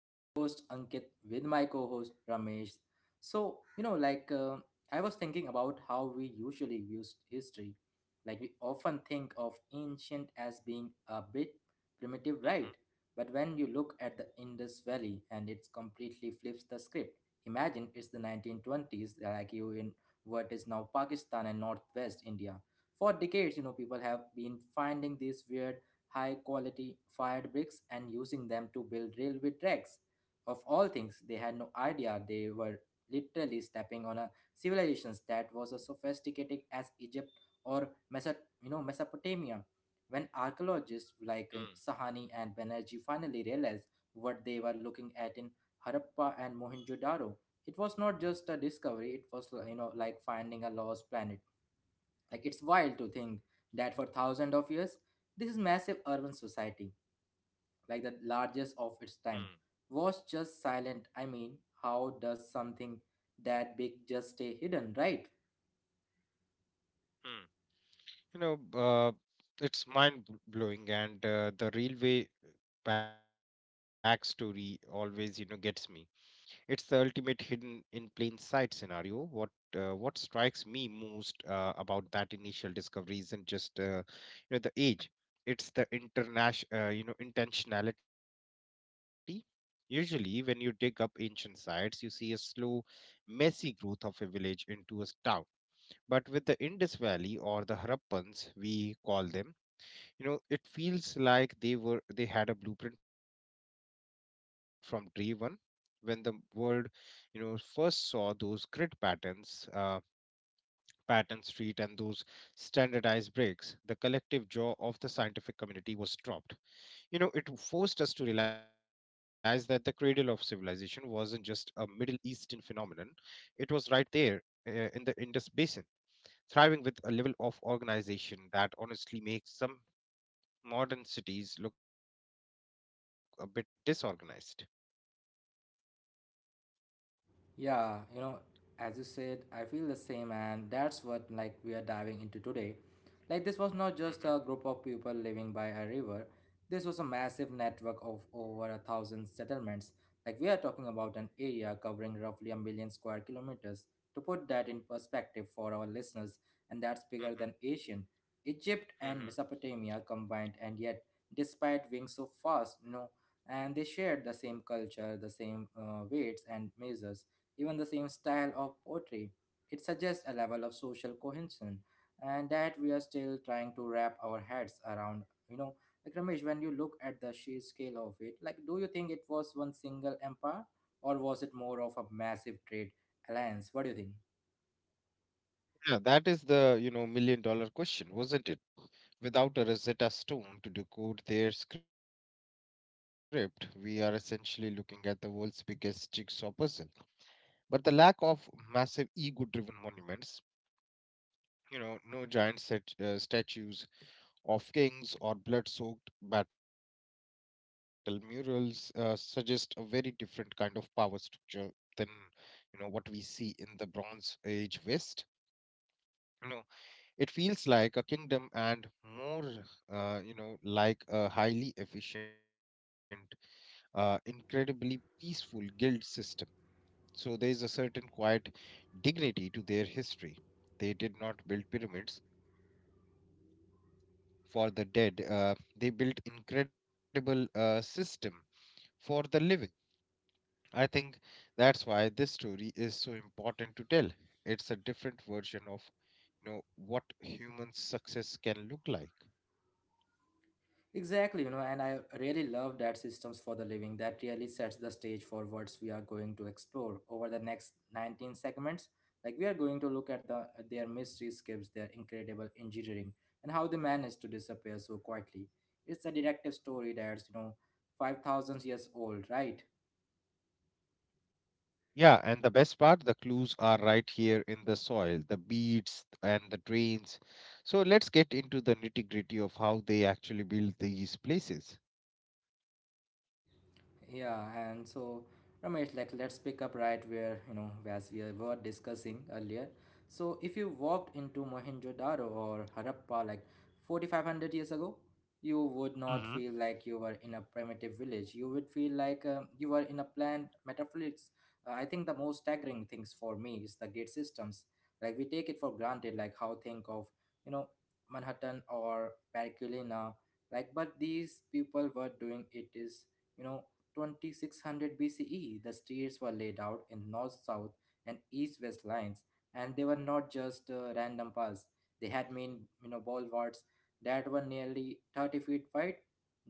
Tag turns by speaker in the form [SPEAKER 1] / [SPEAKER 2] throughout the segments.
[SPEAKER 1] This is your host Ankit with my co-host Ramesh. So you know, like uh, I was thinking about how we usually use history. Like we often think of ancient as being a bit primitive, right?
[SPEAKER 2] Mhm,
[SPEAKER 1] But when you look at the Indus Valley and it completely flips the script. Imagine it's the 1920s, like you in what is now Pakistan and Northwest India. For decades, you know, people have been finding these weird high quality fired bricks and using them to build railway tracks. Of all things, they had no idea they were literally stepping on a civilization that was as sophisticated as Egypt or Meso- Mesopotamia. When archaeologists
[SPEAKER 2] mm,
[SPEAKER 1] like Sahani and Banerjee finally realized what they were looking at in Harappa and Mohenjo-daro, it was not just a discovery, it was you know like finding a lost planet like it's wild to think that for thousands of years this massive urban society, like the
[SPEAKER 2] mm,
[SPEAKER 1] largest of its time, was just silent. I mean, how does something that big just stay hidden, right?
[SPEAKER 2] mm. You know, uh, it's blowing, and the railway backstory always gets me. It's the ultimate hidden in plain sight scenario. What strikes me most about that initial discovery isn't just the age; it's the international, intentionality. Usually, when you dig up ancient sites, you see a slow, messy growth of a village into a town. But with the Indus Valley, or the Harappans, we call them, it feels like they had a blueprint from day one. When the world, first saw those grid patterns, pattern street, and those standardized bricks, the collective jaw of the scientific community was dropped. You know, it forced us to realize that the cradle of civilization wasn't just a Middle Eastern phenomenon; it was right there, uh, in the Indus Basin, thriving with a level of organization that honestly makes some modern cities look a bit disorganized.
[SPEAKER 1] Yeah, you know, as you said, I feel the same, and that's what like we are diving into today. Like this was not
[SPEAKER 2] Mm-hmm.
[SPEAKER 1] just a group of people living by a river. This was a massive network of over 1,000 settlements. Like we are talking about an area covering roughly 1,000,000 square kilometers. To put that in perspective for our listeners, and that's bigger
[SPEAKER 2] Mm-hmm.
[SPEAKER 1] than Asian, Egypt and
[SPEAKER 2] Mm-hmm.
[SPEAKER 1] Mesopotamia combined, and yet, despite being so fast, you know, and they shared the same culture, the same weights and measures even the same style of poetry. It suggests a level of social cohesion and that we are still trying to wrap our heads around. You know, like Ramesh, when you look at the sheer scale of it, like do you think it was one single empire or was it more of a massive trade alliance? What do you think?
[SPEAKER 2] Yeah, that is the, you know, million dollar question, wasn't it? Without a Rosetta Stone to decode their script, we are essentially looking at the world's biggest jigsaw puzzle. But the lack of massive ego driven monuments, you know, no giant set, statues of kings or blood soaked battle murals suggest a very different kind of power structure than, you know, what we see in the bronze age west. You know, it feels like a kingdom and more, like a highly efficient, incredibly peaceful guild system. So there is a certain quiet dignity to their history. They did not build pyramids for the dead, they built incredible system for the living. I think that's why this story is so important to tell. It's a different version of, you know, what human success can look like.
[SPEAKER 1] Exactly, you know, and I really love that systems for the living that really sets the stage for what we are going to explore over the next 19 segments. Like we are going to look at the their mystery skips, their incredible engineering, and how they managed to disappear so quietly. It's a detective story that's you know 5,000 years old, right?
[SPEAKER 2] Yeah, and the best part, the clues are right here in the soil, the beads and the drains. So let's get into the nitty-gritty of how they actually build these places.
[SPEAKER 1] Yeah, and so Ramesh, like let's pick up right where you know as we were discussing earlier. So if you walked into Mohenjo-daro or Harappa like 4,500 years ago, you would not
[SPEAKER 2] Hmm.
[SPEAKER 1] feel like you were in a primitive village. You would feel like you were in a planned metropolis. I think the most staggering things for me is the gate systems. Like we take it for granted, like how think of you know Manhattan or Periculina, like but these people were doing it is you know 2600 BCE, the streets were laid out in north south and east west lines, and they were not just random paths. They had main you know, bulwarks that were nearly 30 feet wide.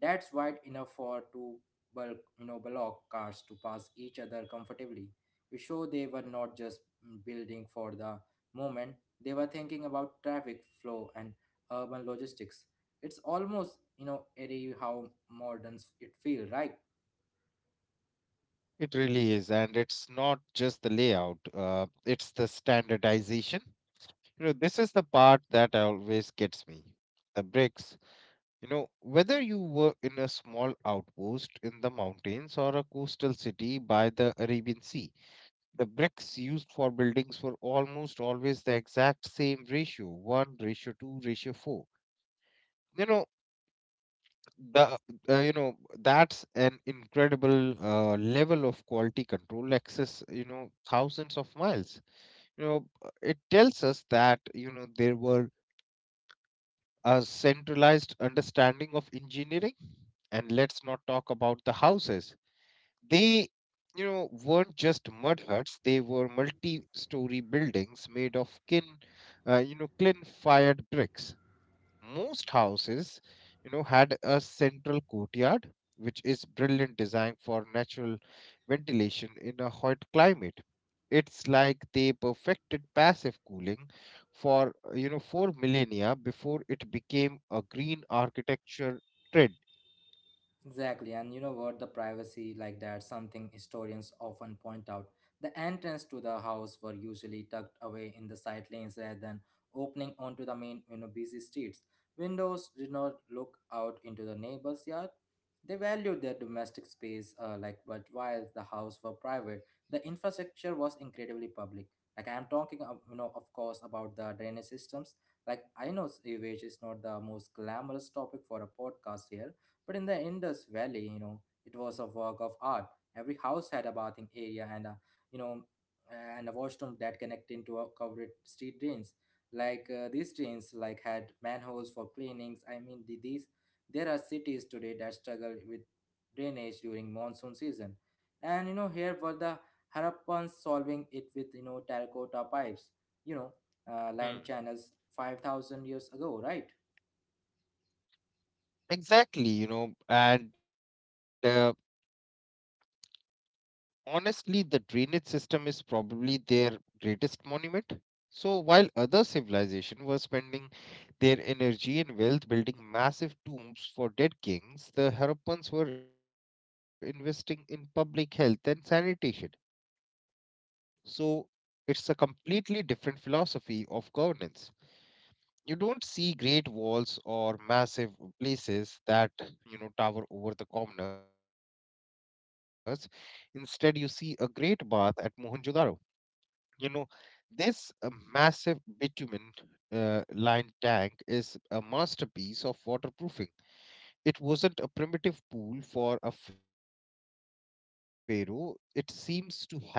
[SPEAKER 1] That's wide enough for two bulk, you know, block cars to pass each other comfortably. It showed they were not just building for the moment, they were thinking about traffic flow and urban logistics. It's almost, you know, eerie how modern it feel, right?
[SPEAKER 2] It really is, and it's not just the layout, it's the standardization. You know, this is the part that always gets me. The bricks, you know, whether you were in a small outpost in the mountains or a coastal city by the Arabian Sea, the bricks used for buildings were almost always the exact same ratio, 1 ratio 2 ratio 4. You know, the you know That's an incredible level of quality control access, you know, thousands of miles. You know, it tells us that, you know, there were a centralized understanding of engineering. And let's not talk about the houses. They, you know, weren't just mud huts. They were multi-story buildings made of kin, clean-fired bricks. Most houses, you know, had a central courtyard, which is brilliant design for natural ventilation in a hot climate. It's like they perfected passive cooling for, four millennia before it became a green architecture trend.
[SPEAKER 1] Exactly, and you know what? The privacy, like that, something historians often point out. The entrance to the house were usually tucked away in the side lanes rather than opening onto the main, you know, busy streets. Windows did not look out into the neighbor's yard. They valued their domestic space, like, but while the house were private, the infrastructure was incredibly public. Like I'm talking, of, you know, of course, about the drainage systems. Like I know sewage is not the most glamorous topic for a podcast here but in the Indus Valley, you know, it was a work of art. Every house had a bathing area and you know, a washroom that connected to a covered street drains. These drains, like had manholes for cleanings. I mean, these there are cities today that struggle with drainage during monsoon season, and you know here were the Harappans solving it with you know terracotta pipes. You know, line
[SPEAKER 2] Hmm.
[SPEAKER 1] channels 5,000 years ago, right?
[SPEAKER 2] Exactly, you know, and honestly, the drainage system is probably their greatest monument. So while other civilization were spending their energy and wealth building massive tombs for dead kings, the Harappans were investing in public health and sanitation. So it's a completely different philosophy of governance. You don't see great walls or massive places that, you know, tower over the commoners. Instead you see a great bath at Mohenjo-daro. You know, this, massive bitumen lined tank is a masterpiece of waterproofing. It wasn't a primitive pool for a pharaoh. It seems to have been,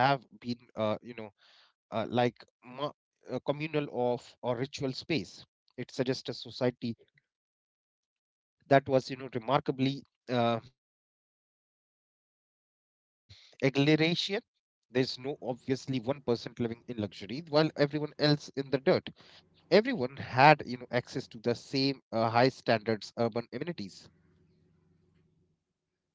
[SPEAKER 2] uh, like ma- communal of or ritual space. It suggests a society that was, you know, remarkably uh, egalitarian. There's no obviously one person living in luxury while everyone else in the dirt. Everyone had, you know, access to the same high standards urban amenities.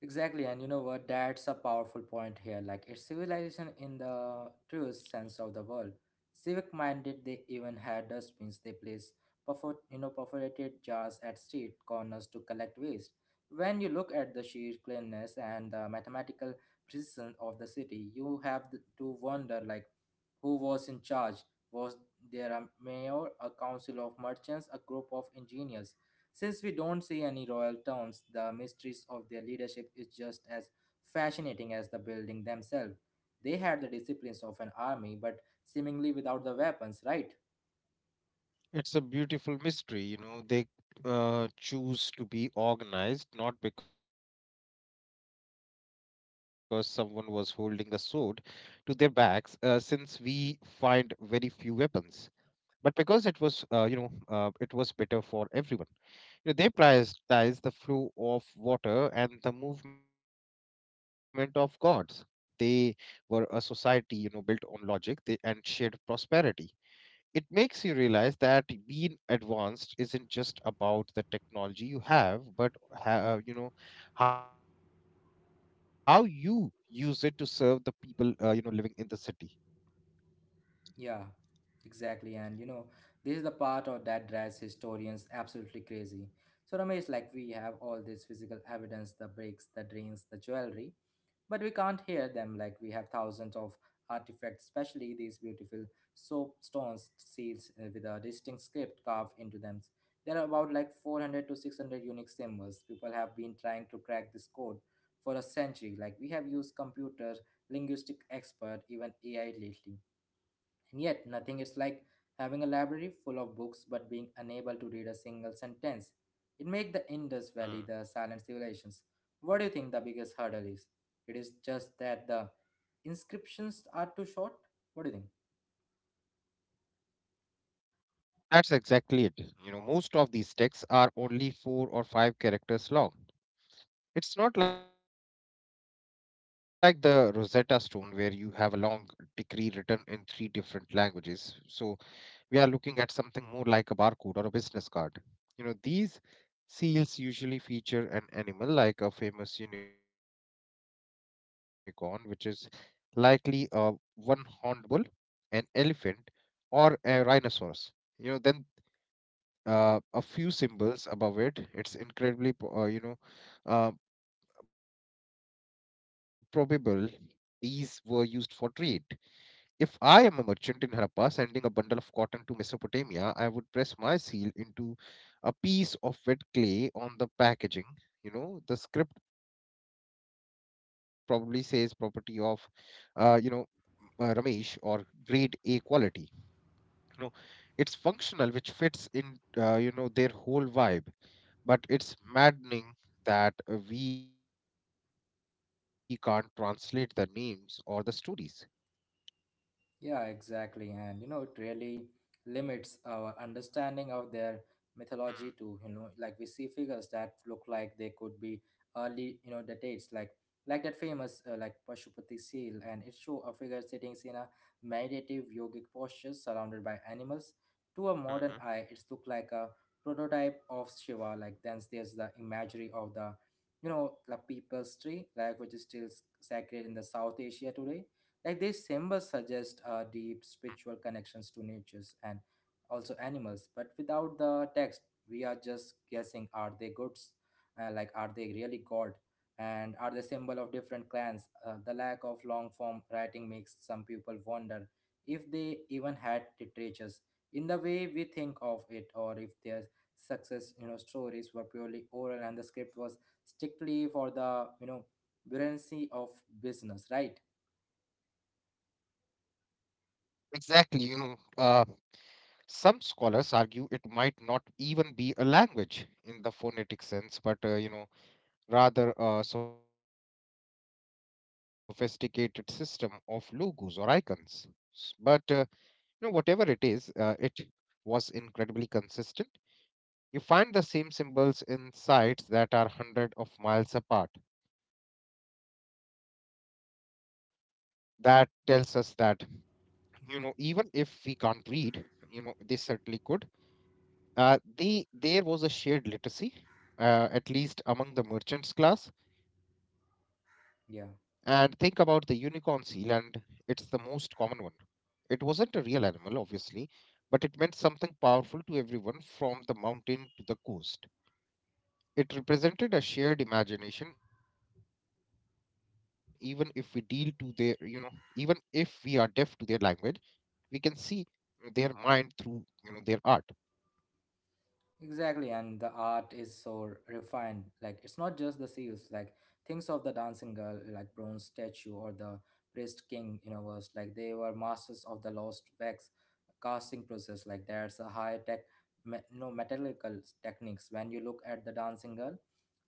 [SPEAKER 1] Exactly, and you know what? That's a powerful point here. Like, it's civilization in the truest sense of the word. Civic minded, they even had dustbins. They place perforated jars at street corners to collect waste. When you look at the sheer cleanness and the mathematical precision of the city, you have to wonder, like, who was in charge? Was there a mayor, a council of merchants, a group of engineers? Since we don't see any royal towns, the mysteries of their leadership is just as fascinating as the building themselves. They had the disciplines of an army, but seemingly without the weapons, right?
[SPEAKER 2] It's a beautiful mystery. You know, they choose to be organized not because someone was holding a sword to their backs, since we find very few weapons, but because it was, it was better for everyone. You know, they prioritized the flow of water and the movement of gods. They were a society, you know, built on logic and shared prosperity. It makes you realize that being advanced isn't just about the technology you have, but you know, how you use it to serve the people, you know, living in the city.
[SPEAKER 1] Yeah, exactly. And you know, this is the part of that drives historians absolutely crazy. So Ramesh, like we have all this physical evidence, the bricks, the drains, the jewelry, but
[SPEAKER 2] Hmm.
[SPEAKER 1] we can't hear them like we have thousands of artifacts especially these beautiful soapstones seals with a distinct script carved into them there are about like 400 to 600 unique symbols people have been trying to crack this code for a century like we have used computers linguistic expert even AI lately and yet, nothing is like having a library full of books but being unable to read a single sentence. It makes the Indus Valley the
[SPEAKER 2] Mm.
[SPEAKER 1] silent civilizations. What do you think the biggest hurdle is? It is just that the inscriptions are too short? What do you think?
[SPEAKER 2] That's exactly it. You know, most of these texts are only four or five characters long. It's not like the Rosetta Stone where you have a long decree written in three different languages. So we are looking at something more like a barcode or a business card. You know, these seals usually feature an animal like a famous unicorn, which is likely a one horned bull, an elephant, or a rhinoceros. You know, then a few symbols above it. It's incredibly, po- you know, uh, probable these were used for trade. If I am a merchant in Harappa sending a bundle of cotton to Mesopotamia, I would press my seal into a piece of wet clay on the packaging. You know, the script probably says property of, uh, you know, Ramesh, or grade A quality. You know, it's functional, which fits in, you know, their whole vibe. But it's maddening that we can't translate the names or the stories.
[SPEAKER 1] Yeah, exactly. And you know, it really limits our understanding of their mythology
[SPEAKER 2] Hmm,
[SPEAKER 1] to, you know, like we see figures that look like they could be early, you know, the dates like that famous like Pashupati seal and it show a figure sitting in a meditative yogic posture surrounded by animals.
[SPEAKER 2] mhm.
[SPEAKER 1] To a modern eye, it's look like a prototype of Shiva. Like then there's the imagery of the, you know, the people's tree, like which is still sacred in the South Asia today like these symbols suggest deep spiritual connections to nature and also animals, but without the text, we are just guessing are they goods? Like, are they really God? And are they symbol of different clans? The lack of long form writing makes some people wonder if they even had literatures in the way we think of it, or if their success, you know, stories were purely oral and the script was strictly for the, you know, buoyancy of business, right?
[SPEAKER 2] Exactly, you know, uh, some scholars argue it might not even be a language in the phonetic sense, but, you know, rather a sophisticated system of logos or icons. But you know, whatever it is, it was incredibly consistent. You find the same symbols in sites that are hundred of miles apart. That tells us that, you know, even if we can't read, you know, they certainly could. Uh, there was a shared literacy, at least among the merchants class.
[SPEAKER 1] Yeah.
[SPEAKER 2] And think about the unicorn seal, and it's the most common one. It wasn't a real animal, obviously, but it meant something powerful to everyone from the mountain to the coast. It represented a shared imagination, even if we deal to their, you know, even if we are deaf to their language, we can see their mind through, you know, their art.
[SPEAKER 1] Exactly, and the art is so refined. Like it's not just the seals. Like things of the dancing girl, like bronze statue or the priest king you know, was Like they were masters of the lost wax casting process. Like there's a high tech, me- no metallurgical techniques. When you look at the dancing girl,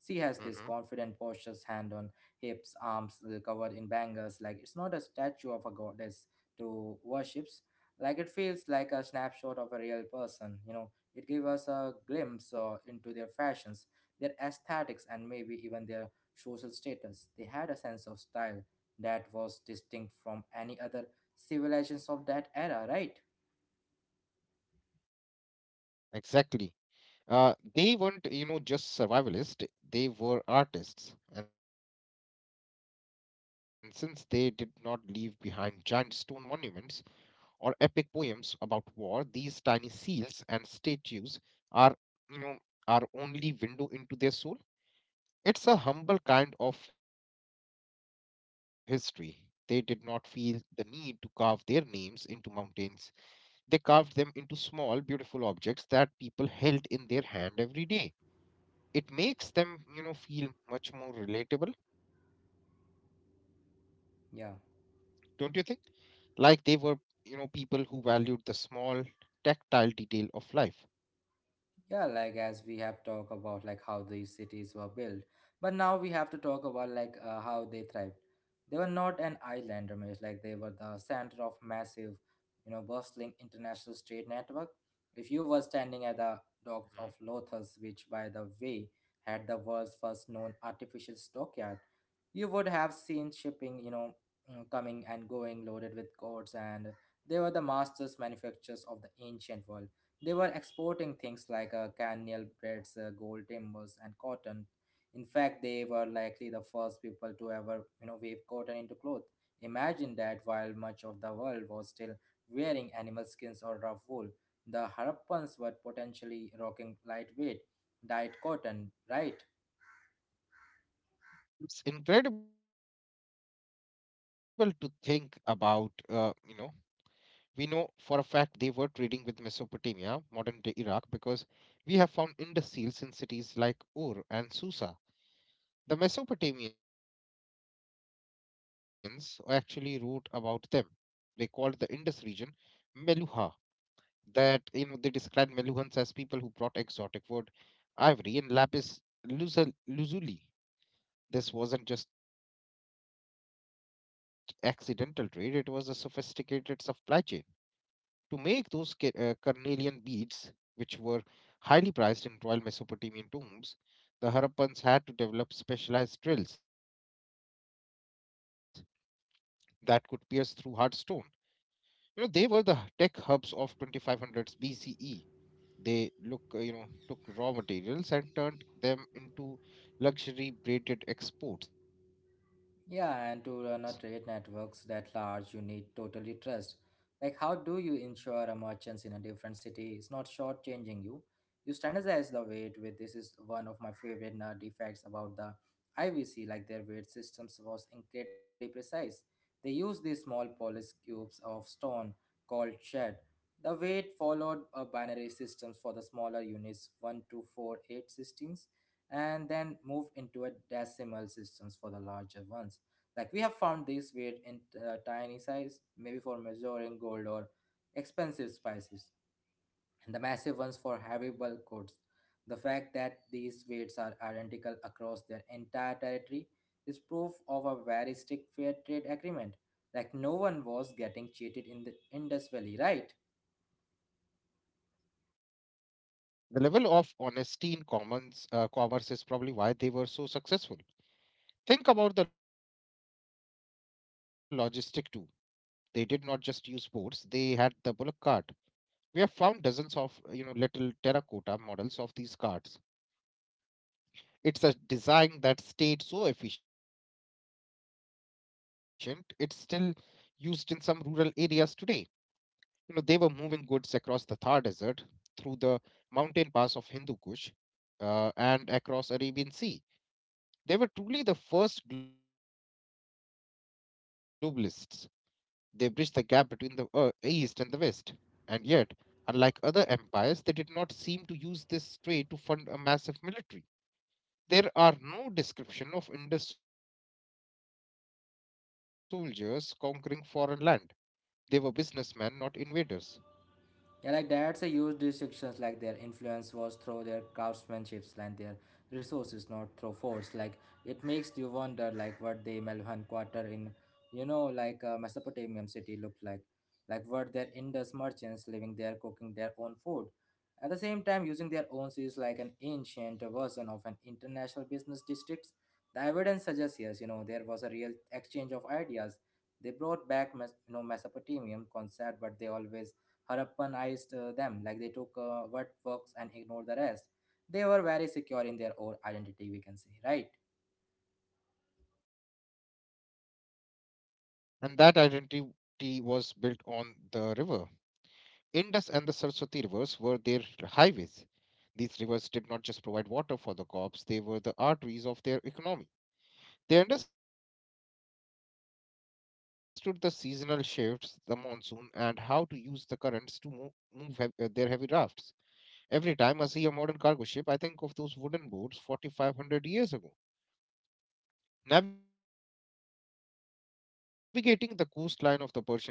[SPEAKER 1] she has this confident postures, hand on
[SPEAKER 2] Hmm.
[SPEAKER 1] hips, arms covered in bangles. Like it's not a statue of a goddess to worships. Like it feels like a snapshot of a real person. You know it gave us a glimpse into their fashions, their aesthetics, and maybe even their social status. They had a sense of style that was distinct from any other civilizations of that era, right?
[SPEAKER 2] Exactly. Uh, they weren't, you know, just survivalists, they were artists. And since they did not leave behind giant stone monuments or epic poems about war, these tiny seals and statues are, you know, our only window into their soul. It's a humble kind of history. They did not feel the need to carve their names into mountains. They carved them into small, beautiful objects that people held in their hand every day. It makes them, you know, feel much more relatable,
[SPEAKER 1] Yeah.
[SPEAKER 2] don't you think? Like they were, you know, people who valued the small, tactile detail of life.
[SPEAKER 1] Yeah, like as we have talked about like how these cities were built, but now we have to talk about like how they thrived. They were not an island, Ramesh. Like they were the center of massive, you know, bustling international trade network. If you were standing at the docks of Lothos, which by the
[SPEAKER 2] Mhm.
[SPEAKER 1] way had the world's first known artificial stockyard, you would have seen shipping, you know, coming and going loaded with goods, and they were the masters manufacturers of the ancient world they were exporting things like cannel breads, gold timbers, and cotton. In fact, they were likely the first people to ever, you know, weave cotton into cloth. Imagine that while much of the world was still wearing animal skins or rough wool, the Harappans were potentially rocking lightweight dyed cotton, right?
[SPEAKER 2] It's incredible to think about, you know, we know for a fact they were trading with Mesopotamia, modern day Iraq, because we have found Indus seals in cities like Ur and Susa. The Mesopotamians actually wrote about them. They called the Indus region Meluha. That, you know, they described Meluhans as people who brought exotic wood, ivory, and lazuli. This wasn't just accidental trade; it was a sophisticated supply chain to make those carnelian beads, which were highly prized in royal Mesopotamian tombs. The Harappans had to develop specialized drills that could pierce through hard stone. You know, they were the tech hubs of 2500s BCE. They took raw materials and turned them into luxury braided exports.
[SPEAKER 1] Yeah, and to run a trade networks that large, you need totally trust. Like, how do you ensure a merchants in a different city is not shortchanging you? You standardize the weight with this is one of my favorite defects about the IVC. Like their weight systems was incredibly precise. They used these small polished cubes of stone called shed. The weight followed a binary systems for the smaller units one, two, four, eight, to systems, and then moved into a decimal systems for the larger ones. Like we have found these weird in tiny size, maybe for measuring gold or expensive spices, and the massive ones for heavy bulk goods. The fact that these weights are identical across their entire territory is proof of a very strict fair trade agreement. Like no one was getting cheated in the Indus Valley, right?
[SPEAKER 2] The level of honesty in commerce is probably why they were so successful. Think about the logistic too. They did not just use boats; they had the bullock cart. We have found dozens of, you know, little terracotta models of these carts. It's a design that stayed so efficient it's still used in some rural areas today. You know, they were moving goods across the Thar Desert, through the mountain pass of Hindu Kush, and across Arabian Sea. They were truly the first globalists. They bridged the gap between the, east and the west. And yet, unlike other empires, they did not seem to use this trade to fund a massive military. There are no description of Indus soldiers conquering foreign land. They were businessmen, not invaders.
[SPEAKER 1] Yeah, like that's a huge distinctions. Like their influence was through their craftsmanships and their resources, not through force. Like it makes you wonder, like what the Melhan Quarter in, like a Mesopotamian city looked like what their Indus merchants living there, cooking their own food, at the same time using their own seas like an ancient version of an international business districts. The evidence suggests yes, there was a real exchange of ideas. They brought back, Mesopotamian concept, but they always Harappanized them, like they took what works and ignored the rest. They were very secure in their own identity, we can say, right?
[SPEAKER 2] And that identity was built on the river. Indus and the Saraswati rivers were their highways. These rivers did not just provide water for the crops, they were the arteries of their economy. They understood the seasonal shifts, the monsoon, and how to use the currents to move their heavy rafts. Every time I see a modern cargo ship, I think of those wooden boats 4,500 years ago, navigating the coastline of the Persian Gulf.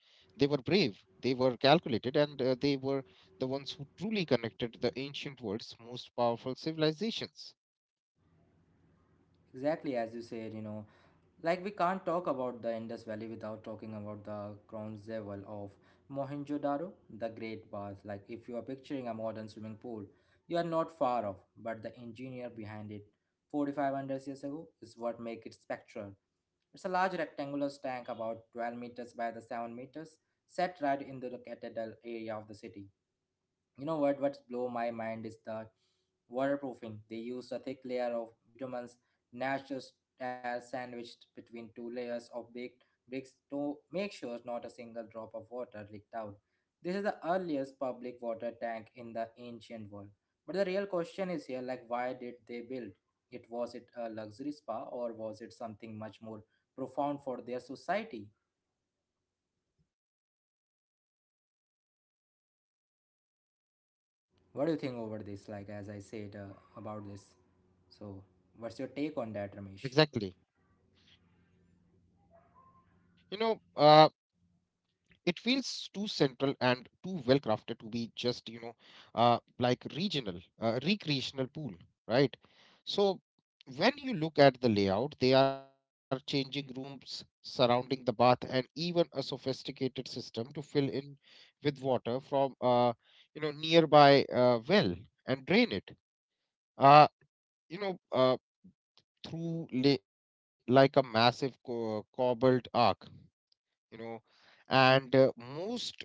[SPEAKER 2] They were brave, they were calculated, and they were the ones who truly connected the ancient world's most powerful civilizations.
[SPEAKER 1] Exactly as you said, like we can't talk about the Indus Valley without talking about the Crown jewel of Mohenjo-daro, the Great Bath. Like if you are picturing a modern swimming pool, you are not far off. But the engineer behind it, 4,500 years ago, is what make it spectral. It's a large rectangular tank about 12 meters by the 7 meters, set right in the cathedral area of the city. You know what? What's blow my mind is the waterproofing. They used a thick layer of bitumens, natural air sandwiched between two layers of baked bricks to make sure not a single drop of water leaked out. This is the earliest public water tank in the ancient world. But the real question is here, like why did they build? It was it a luxury spa, or was it something much more profound for their society? What do you think over this, like as I said about this, so what's your take on that, Ramesh?
[SPEAKER 2] Exactly. You know, uh, it feels too central and too well crafted to be just, like regional, recreational pool, right? So when you look at the layout, they are changing rooms surrounding the bath and even a sophisticated system to fill in with water from nearby well and drain it, uh, you know uh, through like a massive cobbled arc, you know and most,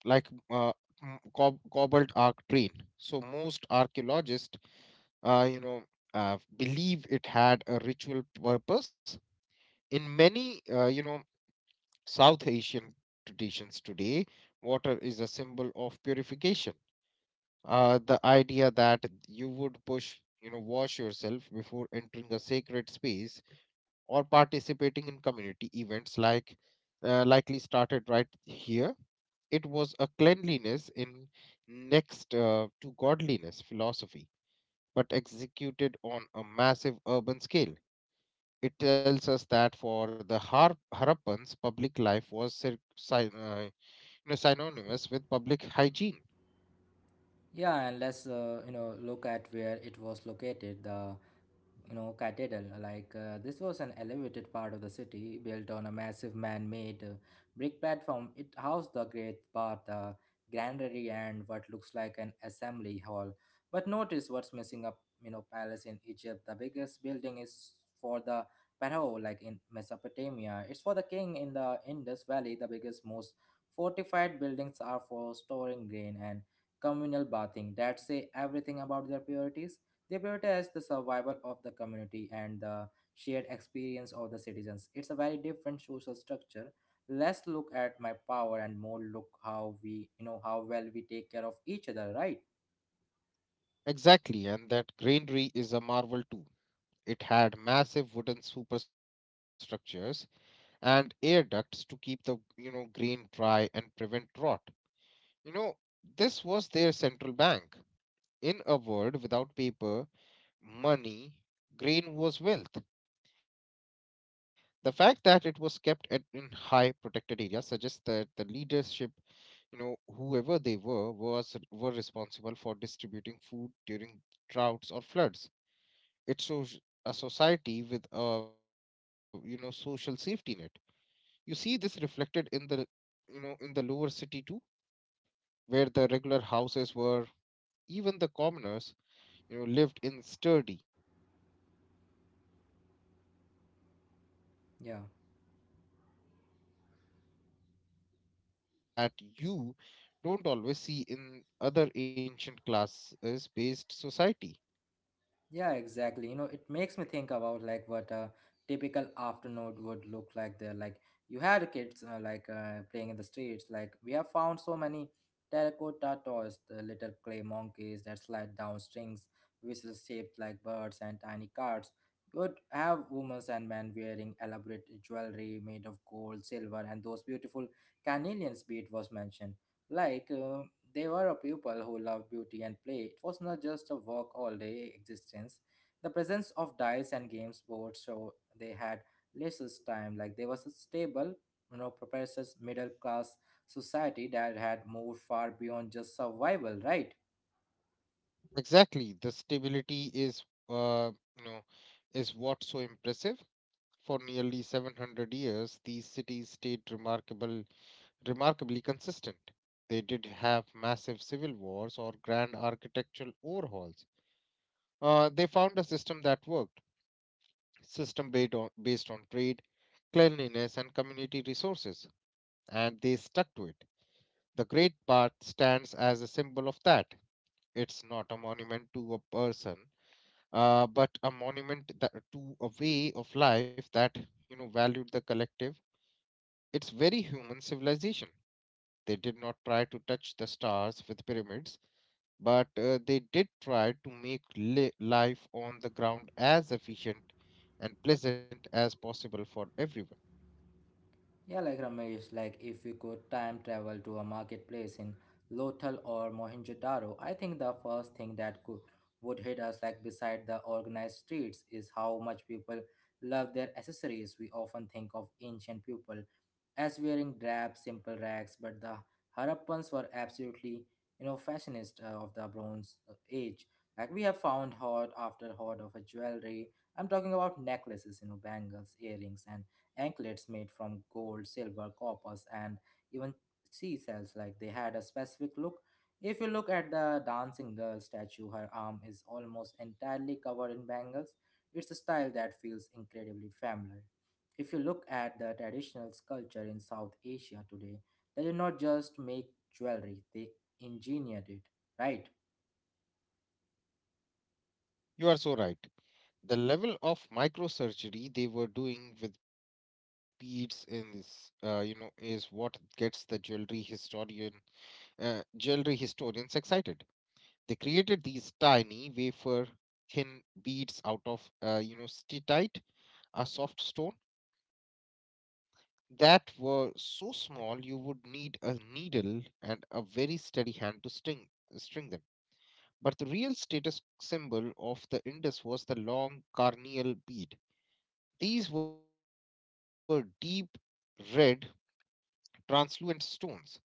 [SPEAKER 2] like uh, cobbled arc drain. So most archaeologists, uh, you know believe it had a ritual purpose. In many, South Asian traditions today, water is a symbol of purification. The idea that you would push you know wash yourself before entering a sacred space or participating in community events, likely started right here. It was a cleanliness in next to godliness philosophy, but executed on a massive urban scale. It tells us that for the Harappans, public life was synonymous with public hygiene.
[SPEAKER 1] Yeah, and let's look at where it was located. The cathedral, like this was an elevated part of the city built on a massive man-made brick platform. It housed the great bath, the granary, and what looks like an assembly hall. But notice what's missing up. Palace in Egypt, the biggest building is for the pharaoh, like in Mesopotamia. It's for the king. In the Indus Valley, the biggest, most fortified buildings are for storing grain and communal bathing, that say everything about their priorities. They prioritize the survival of the community and the shared experience of the citizens. It's a very different social structure. Less look at my power and more look how well we take care of each other, right?
[SPEAKER 2] Exactly, and that granary is a marvel too. It had massive wooden superstructures and air ducts to keep the grain dry and prevent rot. You know, this was their central bank. In a world without paper, money, grain was wealth. The fact that it was in high protected areas suggests that the leadership, you know, whoever they were, was were responsible for distributing food during droughts or floods. It shows a society with a social safety net. You see this reflected in the you know in the lower city too, where the regular houses were, even the commoners, you know, lived in sturdy, well ventilated brick homes. There is a
[SPEAKER 1] Yeah.
[SPEAKER 2] sense of dignity in everyday life of a Harappan that you don't always see in other ancient classes based society.
[SPEAKER 1] Yeah, exactly. It makes me think about like what a typical afternoon would look like there. Like you had kids like playing in the streets. Like we have found so many terracotta toys, the little clay monkeys that slide down strings, whistles shaped like birds and tiny cards. You would have women and men wearing elaborate jewelry made of gold, silver, and those beautiful carnelians bead was mentioned. Like, they were a people who loved beauty and play. It was not just a work all day existence. The presence of dice and games boards, so they had less time. Like, there was a stable, progressive middle class society that had moved far beyond just survival, right?
[SPEAKER 2] Exactly, the stability is, uh, you know is what's so impressive. For nearly 700 years, these cities stayed remarkably consistent. They did have massive civil wars or grand architectural overhauls. They found a system that worked, system based on, based on trade, cleanliness, and community resources, and they stuck to it. The Great Bath stands as a symbol of that. It's not a monument to a person, but a monument to a way of life that valued the collective. It's very human civilization. They did not try to touch the stars with pyramids, but they did try to make life on the ground as efficient and pleasant as possible for everyone.
[SPEAKER 1] Yeah, like Ramesh, like if we could time travel to a marketplace in Lothal or Mohenjo-daro, I think the first thing that could would hit us, like beside the organized streets, is how much people love their accessories. We often think of ancient people as wearing drab, simple rags, but the Harappans were absolutely, fashionist of the Bronze Age. Like we have found hoard after hoard of a jewelry. I'm talking about necklaces, bangles, earrings, and anklets made from gold, silver, coppers, and even seashells. Like they had a specific look. If you look at the dancing girl statue, her arm is almost entirely covered in bangles. It's a style that feels incredibly familiar. If you look at the traditional culture in South Asia today, they did not just make jewelry, they engineered it, right?
[SPEAKER 2] You are so right. The level of microsurgery they were doing with beads in this, is what gets the jewelry historians excited. They created these tiny wafer thin beads out of, steatite, a soft stone, that were so small you would need a needle and a very steady hand to string them. But the real status symbol of the Indus was the long carneal bead. These were deep red, translucent stones,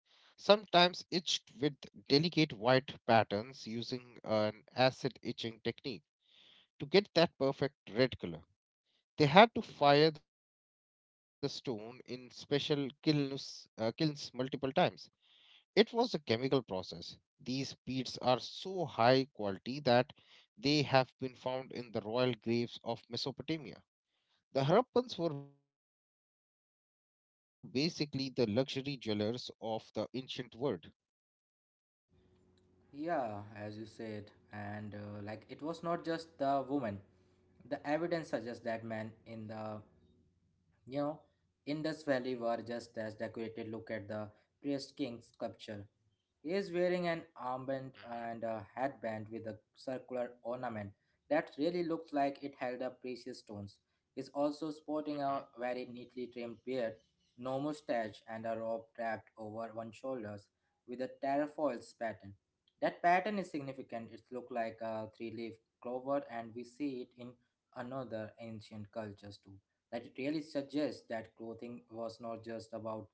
[SPEAKER 2] sometimes etched with delicate white patterns using an acid etching technique to get that perfect red color. They had to fire the stone in special kilns multiple times. It was a chemical process. These peats are so high quality that they have been found in the royal graves of Mesopotamia. The Harappans were basically the luxury jewelers of the ancient world.
[SPEAKER 1] Yeah, as you said, and like it was not just the woman. The evidence suggests that men in the You know, Indus Valley were just as decorated. Look at the priest king sculpture. He is wearing an armband
[SPEAKER 2] Mhm,
[SPEAKER 1] and a headband with a circular ornament that really looks like it held up precious stones. He is also sporting a very
[SPEAKER 2] mhm.
[SPEAKER 1] neatly trimmed beard, no mustache, and a robe wrapped over one shoulders with a terrafoils pattern. That pattern is significant. It looks like a three-leaf clover, and we see it in another ancient cultures too, that it really suggests that clothing was not just about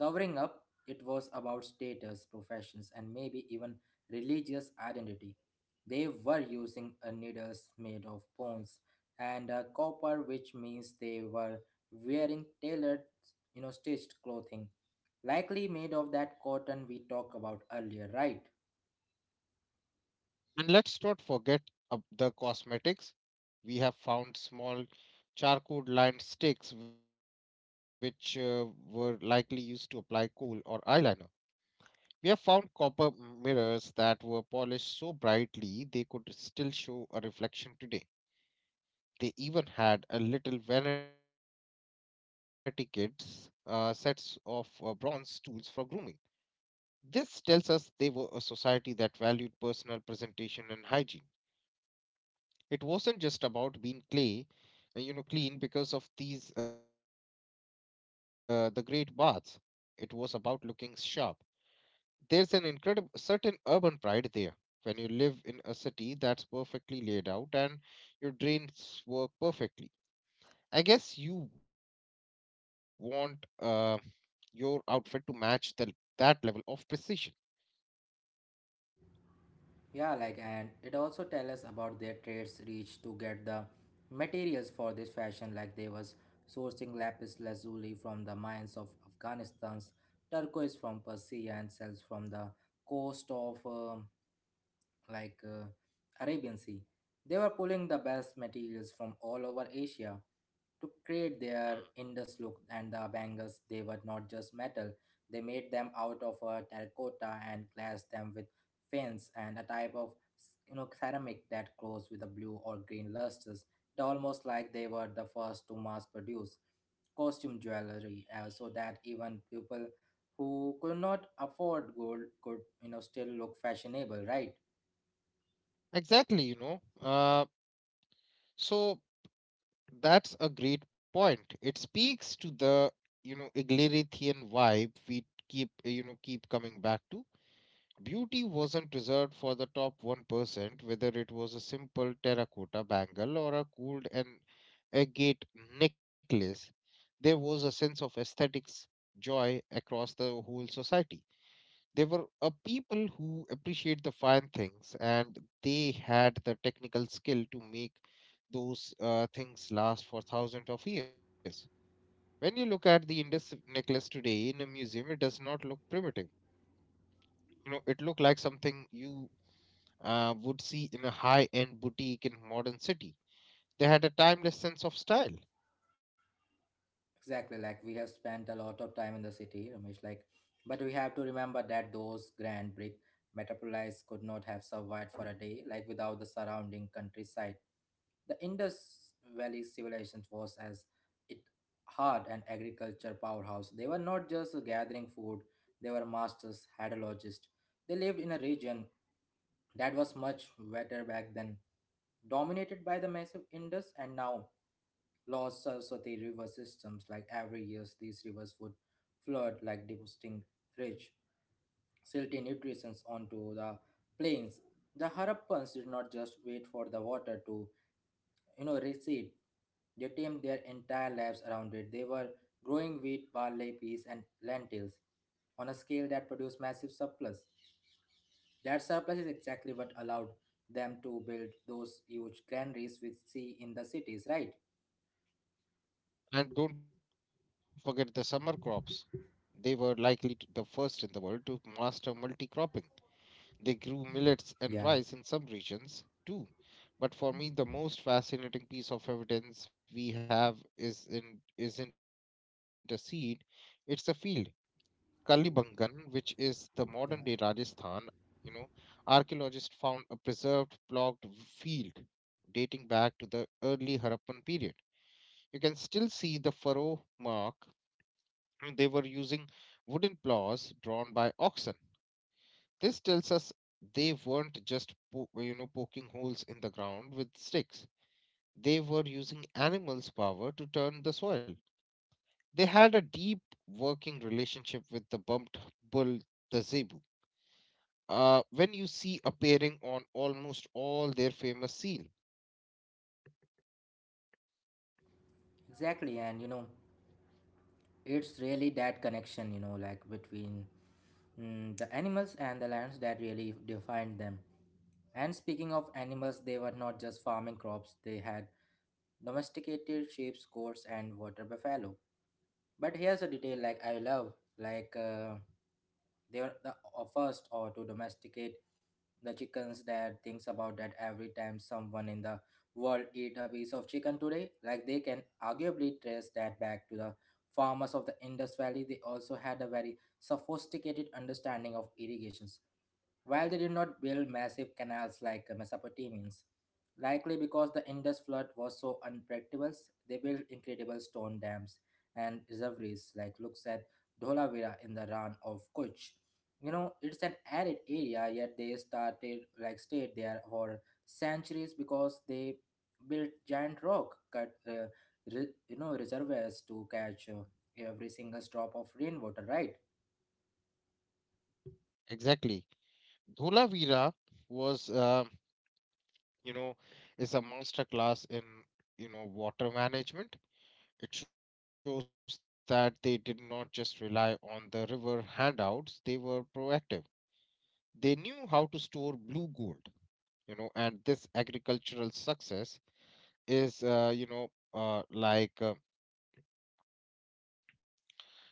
[SPEAKER 1] covering up, it was about status, professions, and maybe even religious identity. They were using a needles made of bones and copper, which means they were wearing tailored, stitched clothing, likely made of that cotton we talked about earlier, right?
[SPEAKER 2] And let's not forget the cosmetics. We have found small charcoal lined sticks which were likely used to apply coal or eyeliner. We have found copper mirrors that were polished so brightly they could still show a reflection today. They even had a little vanity kits, sets of bronze tools for grooming. This tells us they were a society that valued personal presentation and hygiene. It wasn't just about being clean because of the great baths. It was about looking sharp. There's an incredible certain urban pride there. When you live in a city that's perfectly laid out and your drains work perfectly, I guess you want your outfit to match that level of precision.
[SPEAKER 1] Yeah, like and it also tell us about their trades reach to get the materials for this fashion, like they was sourcing lapis lazuli from the mines of Afghanistan's turquoise from Persia and cells from the coast of like Arabian Sea. They were pulling the best materials from all over Asia to create their
[SPEAKER 2] Hmm.
[SPEAKER 1] Indus look, and the bangles, they were not just metal, they made them out of terracotta and glassed them with fins and a type of ceramic that glows with a blue or green lusters. It almost like they were the first to mass produce costume jewelry so that even people who could not afford gold could still look fashionable, right?
[SPEAKER 2] Exactly, you know. So That's a great point. It speaks to the, you know, Iglerithian vibe we keep coming back to. Beauty wasn't reserved for the top 1%, whether it was a simple terracotta bangle or a cooled and agate necklace. There was a sense of aesthetics joy across the whole society. They were a people who appreciate the fine things, and they had the technical skill to make those things last for thousands of years. When you look at the Indus necklace today in a museum, it does not look primitive. You know, it looked like something you would see in a high-end boutique in modern city. They had a timeless sense of style,
[SPEAKER 1] Exactly, like we have spent a lot of time in the city, Ramesh. Like, but we have to remember that those grand brick metropolis could not have survived for a day, like without the surrounding countryside. The Indus Valley civilization was as it hard and agriculture powerhouse. They were not just gathering food; they were masters, hydrologists, they lived in a region that was much wetter back then, dominated by the massive Indus and now lost Saraswati river systems. Like every year, these rivers would flood, like depositing rich, silty nutrients onto the plains. The Harappans did not just wait for the water to, recede. They tamed their entire lives around it. They were growing wheat, barley, peas, and lentils on a scale that produced massive surplus. That surplus is exactly what allowed them to build those huge granaries we see in the cities, right?
[SPEAKER 2] and don't forget the summer crops. They were likely the first in the world to master multi-cropping. They grew millets and
[SPEAKER 1] Yeah.
[SPEAKER 2] rice in some regions too. But for me, the most fascinating piece of evidence we have isn't a seed, it's a field. Kalibangan, which is the modern day
[SPEAKER 1] Yeah,
[SPEAKER 2] Rajasthan, you know, archaeologists found a preserved ploughed field dating back to the early Harappan period. You can still see the furrow mark. They were using wooden plows drawn by oxen. This tells us they weren't just poking holes in the ground with sticks. They were using animals' power to turn the soil. They had a deep working relationship with the bumped bull, the zebu. When you see appearing on almost all their famous seal.
[SPEAKER 1] exactly. And it's really that connection, like between the animals and the lands that really defined them. And speaking of animals, they were not just farming crops, they had domesticated sheep, goats, and water buffalo. But here's a detail like I love, like they were the first or to domesticate the chickens. That thinks about that every time someone in the world eat a piece of chicken today, like they can arguably trace that back to the farmers of the Indus Valley. They also had a very sophisticated understanding of irrigations, while they did not build massive canals like the Mesopotamians. Likely because the Indus flood was so unpredictable, they built incredible stone dams and reservoirs, like looks at Dholavira in the Ran of Kutch. It's an arid area, yet they started like stayed there for centuries because they built giant rock cut, reservoirs to catch every single drop of rainwater, right?
[SPEAKER 2] Exactly. Dholavira was, uh, you know, is a master class in, you know, water management. It shows that they did not just rely on the river handouts, they were proactive. They knew how to store blue gold, you know, and this agricultural success is, you know, like,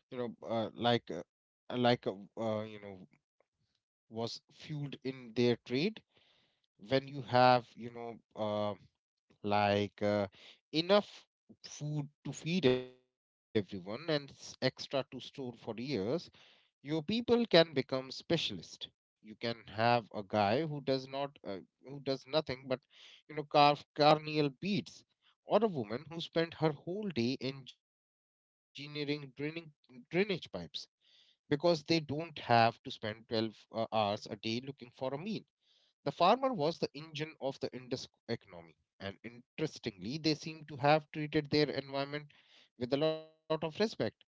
[SPEAKER 2] you know, like, you know, was fueled in their trade. When you have, like uh, enough food to feed everyone and extra to store for years, your people can become specialist. You can have a guy who does not, who does nothing but, you know, carve carnial beads, or a woman who spent her whole day engineering drainage pipes because they don't have to spend 12 hours a day looking for a meal. The farmer was the engine of the Indus economy, and interestingly, they seem to have treated their environment with a lot of respect.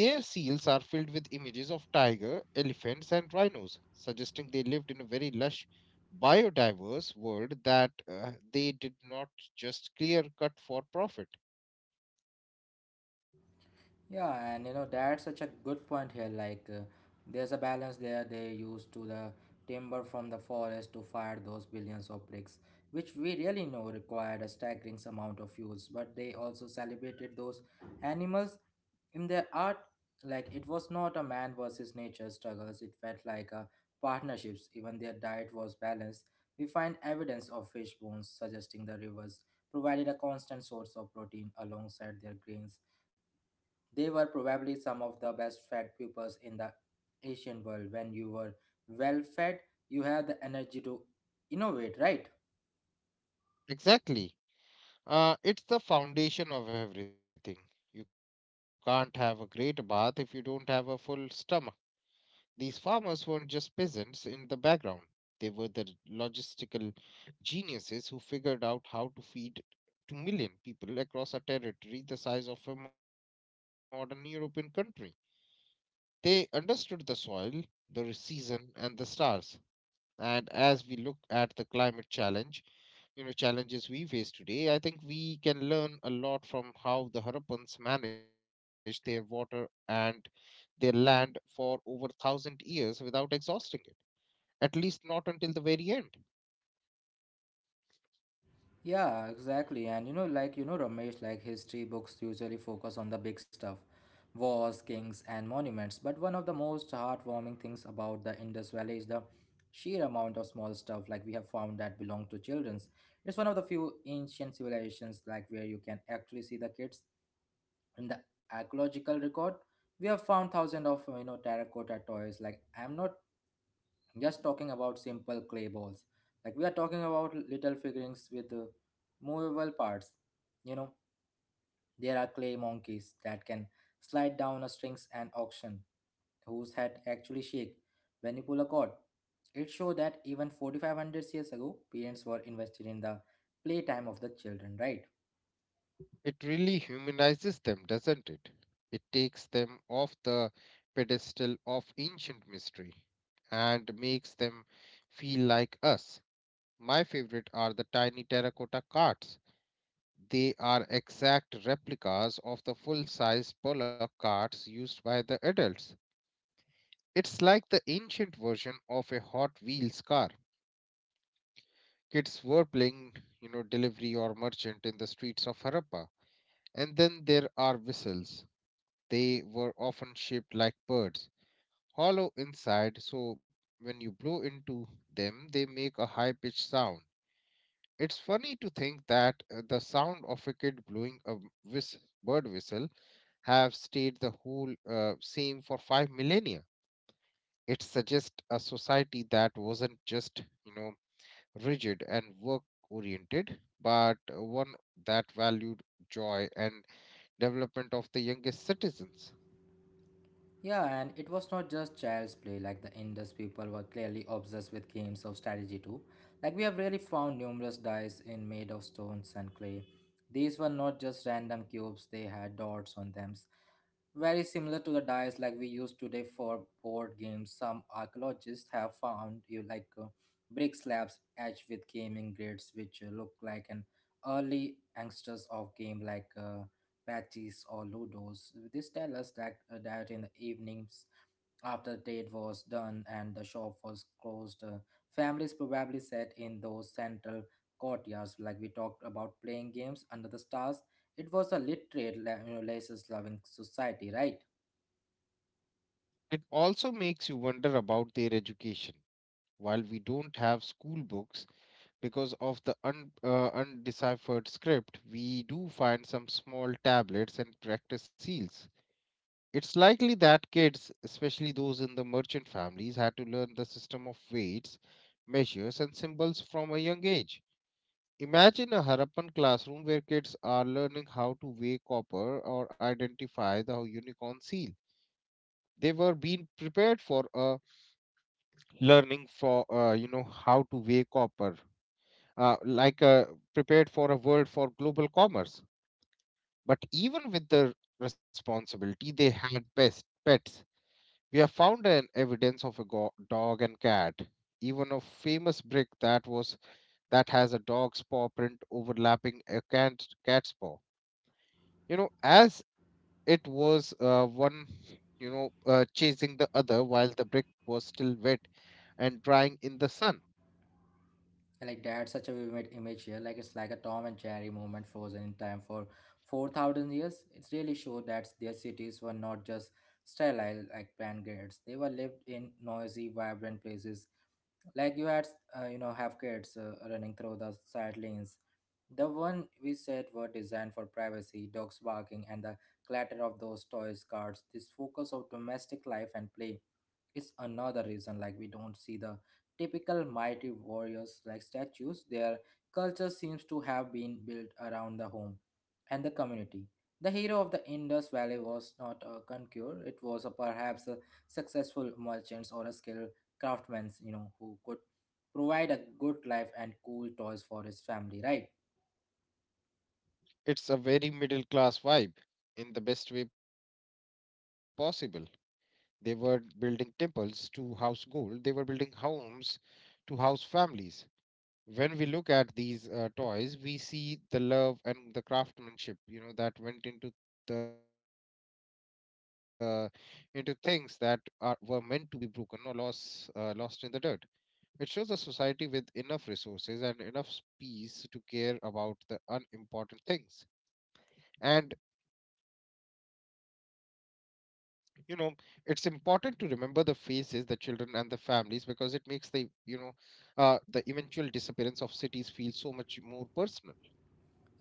[SPEAKER 2] Their seals are filled with images of tiger, elephants, and rhinos, suggesting they lived in a very lush, biodiverse world that they did not just clear cut for profit.
[SPEAKER 1] Yeah, and that's such a good point here. Like, there's a balance there. They used to the timber from the forest to fire those billions of bricks, which we really know required a staggering amount of fuels. But they also celebrated those animals in their art. Like, it was not a man versus nature struggles. It felt like a partnerships. Even their diet was balanced. We find evidence of fish bones suggesting the rivers provided a constant source of protein alongside their grains. They were probably some of the best fed pupils in the Asian world. When you were well fed, you had the energy to innovate, right?
[SPEAKER 2] Exactly. It's the foundation of everything. You can't have a great bath if you don't have a full stomach. These farmers weren't just peasants in the background, they were the logistical geniuses who figured out how to feed 2 million people across a territory the size of a modern European country. They understood the soil, the season, and the stars. And as we look at the climate challenges we face today, I think we can learn a lot from how the Harappans managed their water and their land for over 1000 years without exhausting, at least not until the very end.
[SPEAKER 1] Yeah, exactly. And like Ramesh, like history books usually focus on the big stuff, wars, kings, and monuments. But one of the most heartwarming things about the Indus Valley is the sheer amount of small stuff, like we have found, that belong to children's. It's one of the few ancient civilizations like where you can actually see the kids in the archaeological record. We have found thousands of terracotta toys. I'm not just talking about simple clay balls, like we are talking about little figurines with movable parts. you know there are clay monkeys that can slide down a strings, and auction whose head actually shake when you pull a cord. It showed that even 4500 years ago, parents were invested in the playtime of the children, right?
[SPEAKER 2] It really humanizes them, doesn't it? It takes them off the pedestal of ancient mystery and makes them feel like us. My favorite are the tiny terracotta carts. They are exact replicas of the full sized bullock carts used by the adults. It's like the ancient version of a Hot Wheels car. Kids were playing, you know, delivery or merchant in the streets of Harappa. And then there are whistles. They were often shaped like birds, hollow inside, so when you blow into them, they make a high pitched sound. It's funny to think that the sound of a kid blowing a whis- bird whistle have stayed the whole same for 5 millennia. It suggests a society that wasn't just, you know, rigid and work oriented, but one that valued joy and development of the youngest citizens.
[SPEAKER 1] Yeah, and it was not just child's play, like the Indus people were clearly obsessed with games of strategy too. Like we have really found numerous dice in made of stones and clay. These were not just random cubes, they had dots on them. Very similar to the dice like we use today for board games. Some archaeologists have found you like brick slabs etched with gaming grids, which look like an early ancestors of game like Patches or ludos. This tells us that, that in the evenings, after trade was done and the shop was closed, families probably sat in those central courtyards, like we talked about, playing games under the stars. It was a literate, laces loving society, right?
[SPEAKER 2] It also makes you wonder about their education. While we don't have school books because of the undeciphered script, we do find some small tablets and practice seals. It's likely that kids, especially those in the merchant families, had to learn the system of weights, measures, and symbols from a young age. Imagine a Harappan classroom where kids are learning how to weigh copper or identify the unicorn seal. They were being prepared for learning for you know how to weigh copper, uh, like uh, prepared for a world for global commerce. But even with the responsibility, they had best pets. We have found an evidence of a dog and cat, even a famous brick that has a dog's paw print overlapping a cat's paw, as it was one, chasing the other while the brick was still wet and drying in the sun.
[SPEAKER 1] And, like that's such a vivid image here. Like it's like a Tom and Jerry moment frozen in time for 4,000 years. It really showed that their cities were not just sterile like pancreas. They were lived in noisy, vibrant places. Like you had have kids running through the side lanes, the one we said were designed for privacy, dogs barking, and the clatter of those toys cards. This focus of domestic life and play is another reason like we don't see the typical mighty warriors like statues. Their culture seems to have been built around the home and the community. The hero of the Indus Valley was not a conqueror; it was a, perhaps a successful merchant or a skilled craftsman, you know, who could provide a good life and cool toys for his family, right?
[SPEAKER 2] It's a very middle class vibe, in the best way possible. They were building temples to house gold. They were building homes to house families. When we look at these toys, we see the love and the craftsmanship, you know, that went into the into things that are were meant to be broken or lost, lost in the dirt. It shows a society with enough resources and enough space to care about the unimportant things. And, you know, it's important to remember the faces, the children, and the families because it makes the you know the eventual disappearance of cities feel so much more personal.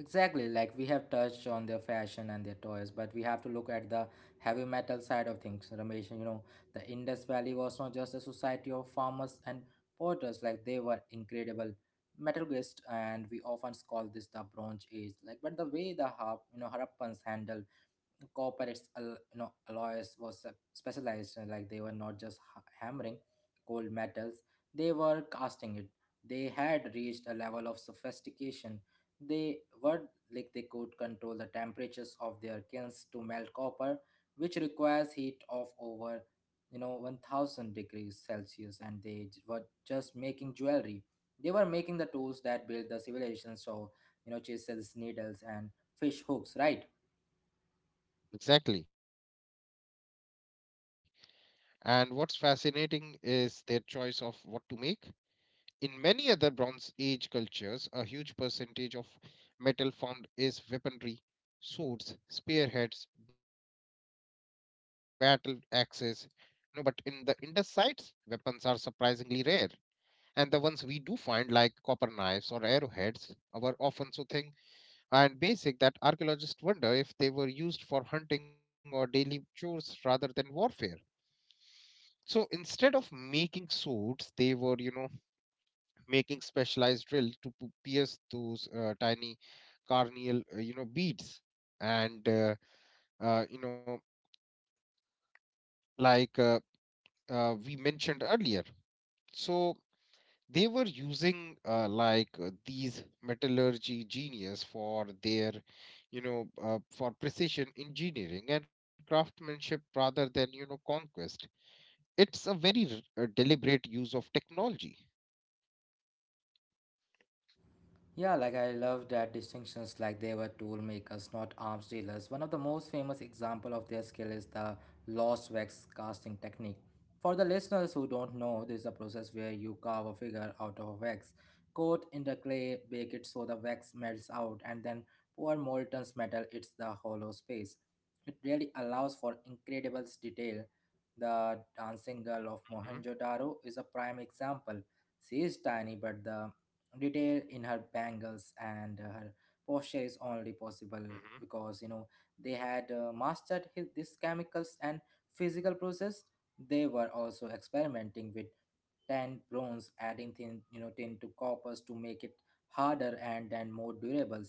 [SPEAKER 1] Exactly, like we have touched on their fashion and their toys, but we have to look at the heavy metal side of things, Ramesh. You know, the Indus Valley was not just a society of farmers and porters, like they were incredible metallurgists, and we often call this the Bronze Age. Like, but the way the Harappans handled corporates al- you know alloys was specialized. Like they were not just hammering cold metals, they were casting it. They had reached a level of sophistication, they were, like they could control the temperatures of their kilns to melt copper, which requires heat of over 1000 degrees celsius. And they were just making jewelry, they were making the tools that built the civilization. So chisels, needles, and fish hooks, right?
[SPEAKER 2] Exactly. And what's fascinating is their choice of what to make. In many other Bronze Age cultures, a huge percentage of metal found is weaponry: swords, spearheads, battle axes. No, but in the Indus sites, weapons are surprisingly rare. And the ones we do find, like copper knives or arrowheads, were often so thin and basic that archaeologists wonder if they were used for hunting or daily chores rather than warfare. So instead of making swords, they were, you know, making specialized drills to pierce those tiny carnial, beads. And, you know, like We mentioned earlier. So they were using these metallurgy genius for their, for precision engineering and craftsmanship rather than, you know, conquest. It's a very deliberate use of technology.
[SPEAKER 1] Yeah, like I love that distinctions, like they were tool makers, not arms dealers. One of the most famous example of their skill is the lost wax casting technique. For the listeners who don't know, this is a process where you carve a figure out of wax, coat in the clay, bake it so the wax melts out, and then pour molten metal into the hollow space. It really allows for incredible detail. The dancing girl of
[SPEAKER 2] Mhm,
[SPEAKER 1] Mohenjo-daro is a prime example. She is tiny, but the detail in her bangles and her posture is only possible
[SPEAKER 2] mhm.
[SPEAKER 1] because they had mastered his, these chemicals and physical process. They were also experimenting with tan bronze, adding thin tin to coppers to make it harder and more durable.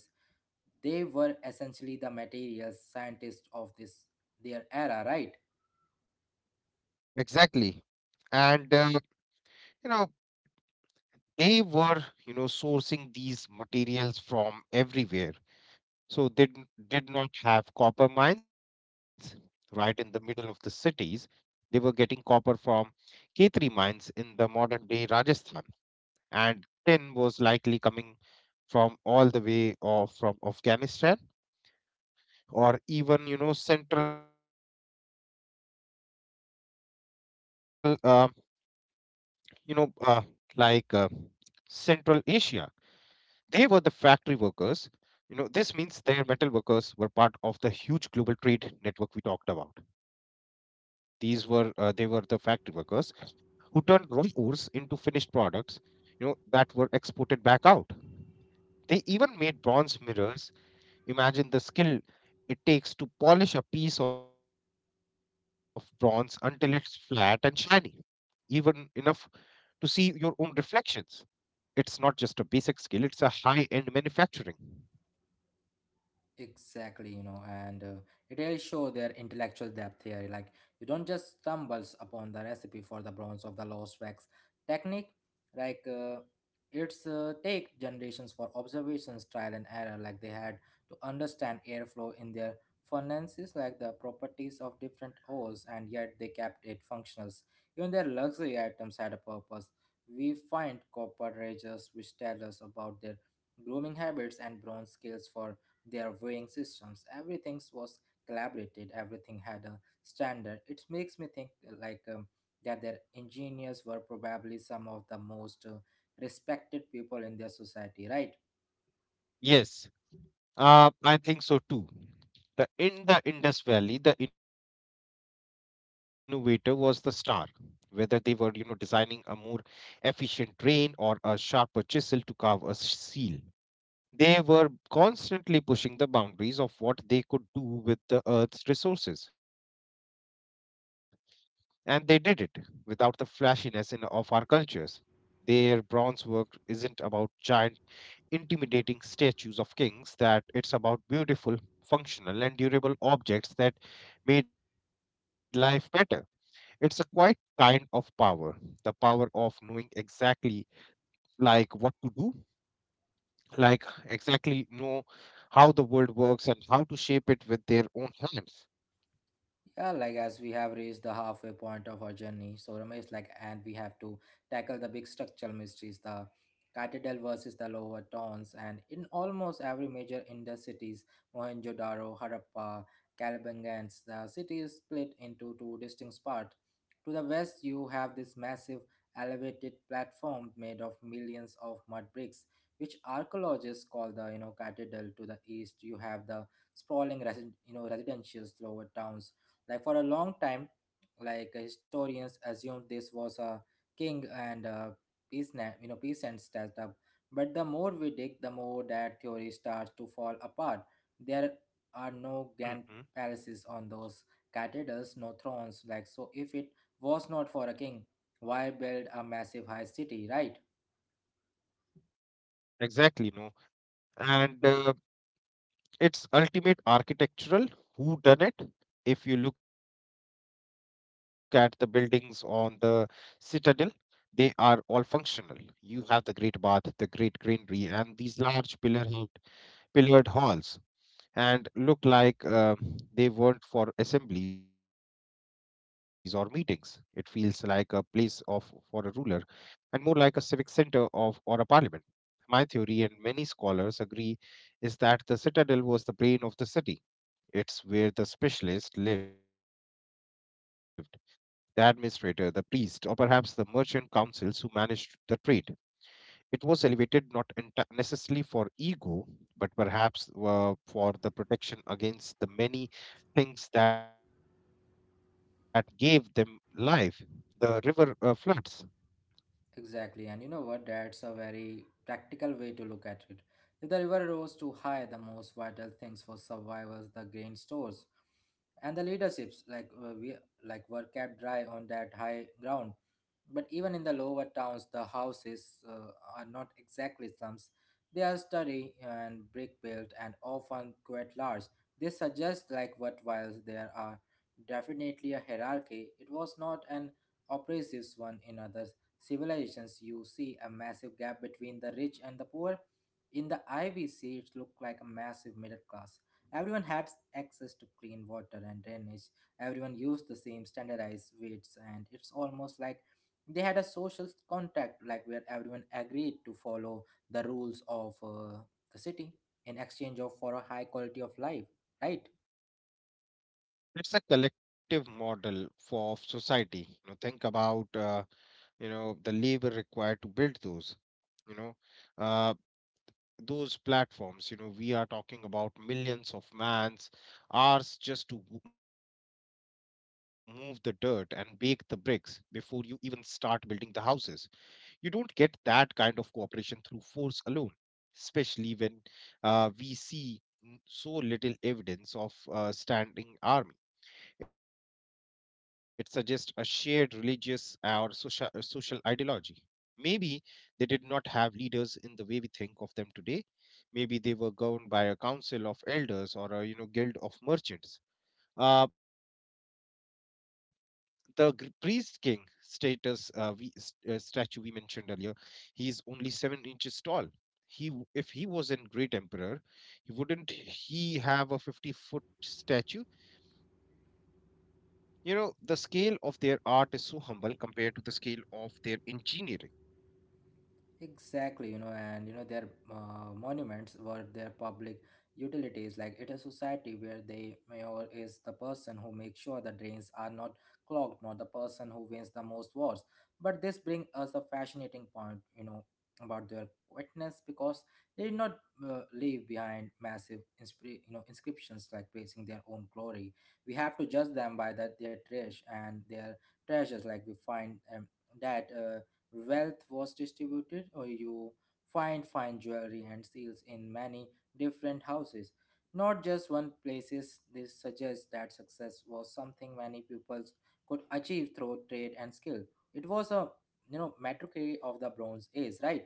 [SPEAKER 1] They were essentially the materials scientists of this their era, right?
[SPEAKER 2] Exactly, and you know they were, you know, sourcing these materials from everywhere. So they did not have copper mines right in the middle of the cities. They were getting copper from ketri mines in the modern day rajasthan, and tin was likely coming from all the way or from afghanistan, or even, you know, central, you know uh, like uh, central asia. They were the factory workers. You know, this means their metal workers were part of the huge global trade network we talked about. These were They were the factory workers who turned raw ores into finished products, you know, that were exported back out. They even made bronze mirrors. Imagine the skill it takes to polish a piece of bronze until it's flat and shiny, even enough to see your own reflections. It's not just a basic skill, it's a high end manufacturing.
[SPEAKER 1] Exactly, you know, and it really show their intellectual depth here. Like you don't just stumbles upon the recipe for the bronze of the lost wax technique. Like uh, it's take generations for observations, trial and error. Like they had to understand airflow in their furnaces, like the properties of different ores, and yet they kept it functional. Even their luxury items had a purpose. We find copper rages which tell us about their grooming habits and bronze scales for their weighing systems. Everything was collaborated, everything had a standard. It makes me think that their engineers were probably some of the most respected people in their society, right?
[SPEAKER 2] Yes, I think so too. In the Indus Valley, the innovator was the star. Whether they were, you know, designing a more efficient train or a sharper chisel to carve a seal, they were constantly pushing the boundaries of what they could do with the earth's resources. And they did it without the flashiness of our cultures. Their bronze work isn't about giant intimidating statues of kings, that it's about beautiful, functional, and durable objects that made life better. It's a quite kind of power, the power of knowing exactly like what to do, like exactly know how the world works and how to shape it with their own hands.
[SPEAKER 1] Yeah, like as we have reached the halfway point of our journey, so Ramesh, like, and we have to tackle the big structural mysteries, the Citadel versus the lower towns. And in almost every major Indus cities, Mohenjo-daro, Harappa, Kalabangans, the city is split into two distinct parts. To the west, you have this massive elevated platform made of millions of mud bricks, which archaeologists call the Citadel. To the east, you have the sprawling residential lower towns. Like for a long time, historians assumed this was a king and peasant, you know, peasant stashed up. But the more we dig, the more that theory starts to fall apart. There are
[SPEAKER 2] Mhm.
[SPEAKER 1] no grand palaces on those cathedrals, no thrones. Like so, if it was not for a king, why build a massive high city, right?
[SPEAKER 2] Exactly, you know, and it's ultimate architectural who done it. If you look at the buildings on the citadel, they are all functional. You have the great bath, the great granary, and these large pillared halls, and look like they weren't for assemblies or meetings. It feels like a place of for a ruler, and more like a civic center of or a parliament. My theory, and many scholars agree, is that the citadel was the brain of the city. It's where the specialist lived: the administrator, the priest, or perhaps the merchant councils who managed the trade. It was elevated not necessarily for ego, but perhaps for the protection against the many things that gave them life. The river floods.
[SPEAKER 1] Exactly, and you know what? That's a very practical way to look at it. If the river rose too high, the most vital things for survivors, the grain stores, and the leaderships, like we, like were kept dry on that high ground. But even in the lower towns, the houses are not exactly slums. They are sturdy and brick built and often quite large. This suggests like what while there are definitely a hierarchy, it was not an oppressive one. In other civilizations, you see a massive gap between the rich and the poor. In the Ivy Sea, it looked like a massive middle class. Everyone had access to clean water and drainage. Everyone used the same standardized weights, and it's almost like they had a social contract, like where everyone agreed to follow the rules of the city in exchange of for a high quality of life, right?
[SPEAKER 2] It's a collective model for of society. You know, think about, the labor required to build those, you know uh, those platforms. You know, we are talking about millions of man's hours just to move the dirt and bake the bricks before you even start building the houses. You don't get that kind of cooperation through force alone, especially when we see so little evidence of standing army. It suggests a shared religious or social, social ideology. Maybe they did not have leaders in the way we think of them today. Maybe they were governed by a council of elders or a, you know, guild of merchants. Uh, the priest king statue we mentioned earlier, he is only 7 inches tall. If he was a great emperor, he wouldn't he have a 50 foot statue? You know, the scale of their art is so humble compared to the scale of their engineering.
[SPEAKER 1] Exactly, you know, and you know their monuments were their public utilities. Like it is society where the mayor is the person who makes sure the drains are not clogged, not the person who wins the most wars. But this brings us a fascinating point, you know, about their quietness because they did not leave behind massive, inscriptions like praising their own glory. We have to judge them by that their trash and their treasures. Like we find that. Wealth was distributed, or you find fine jewelry and seals in many different houses, not just one places. This suggests that success was something many pupils could achieve through trade and skill. It was a metric of the Bronze Age, right?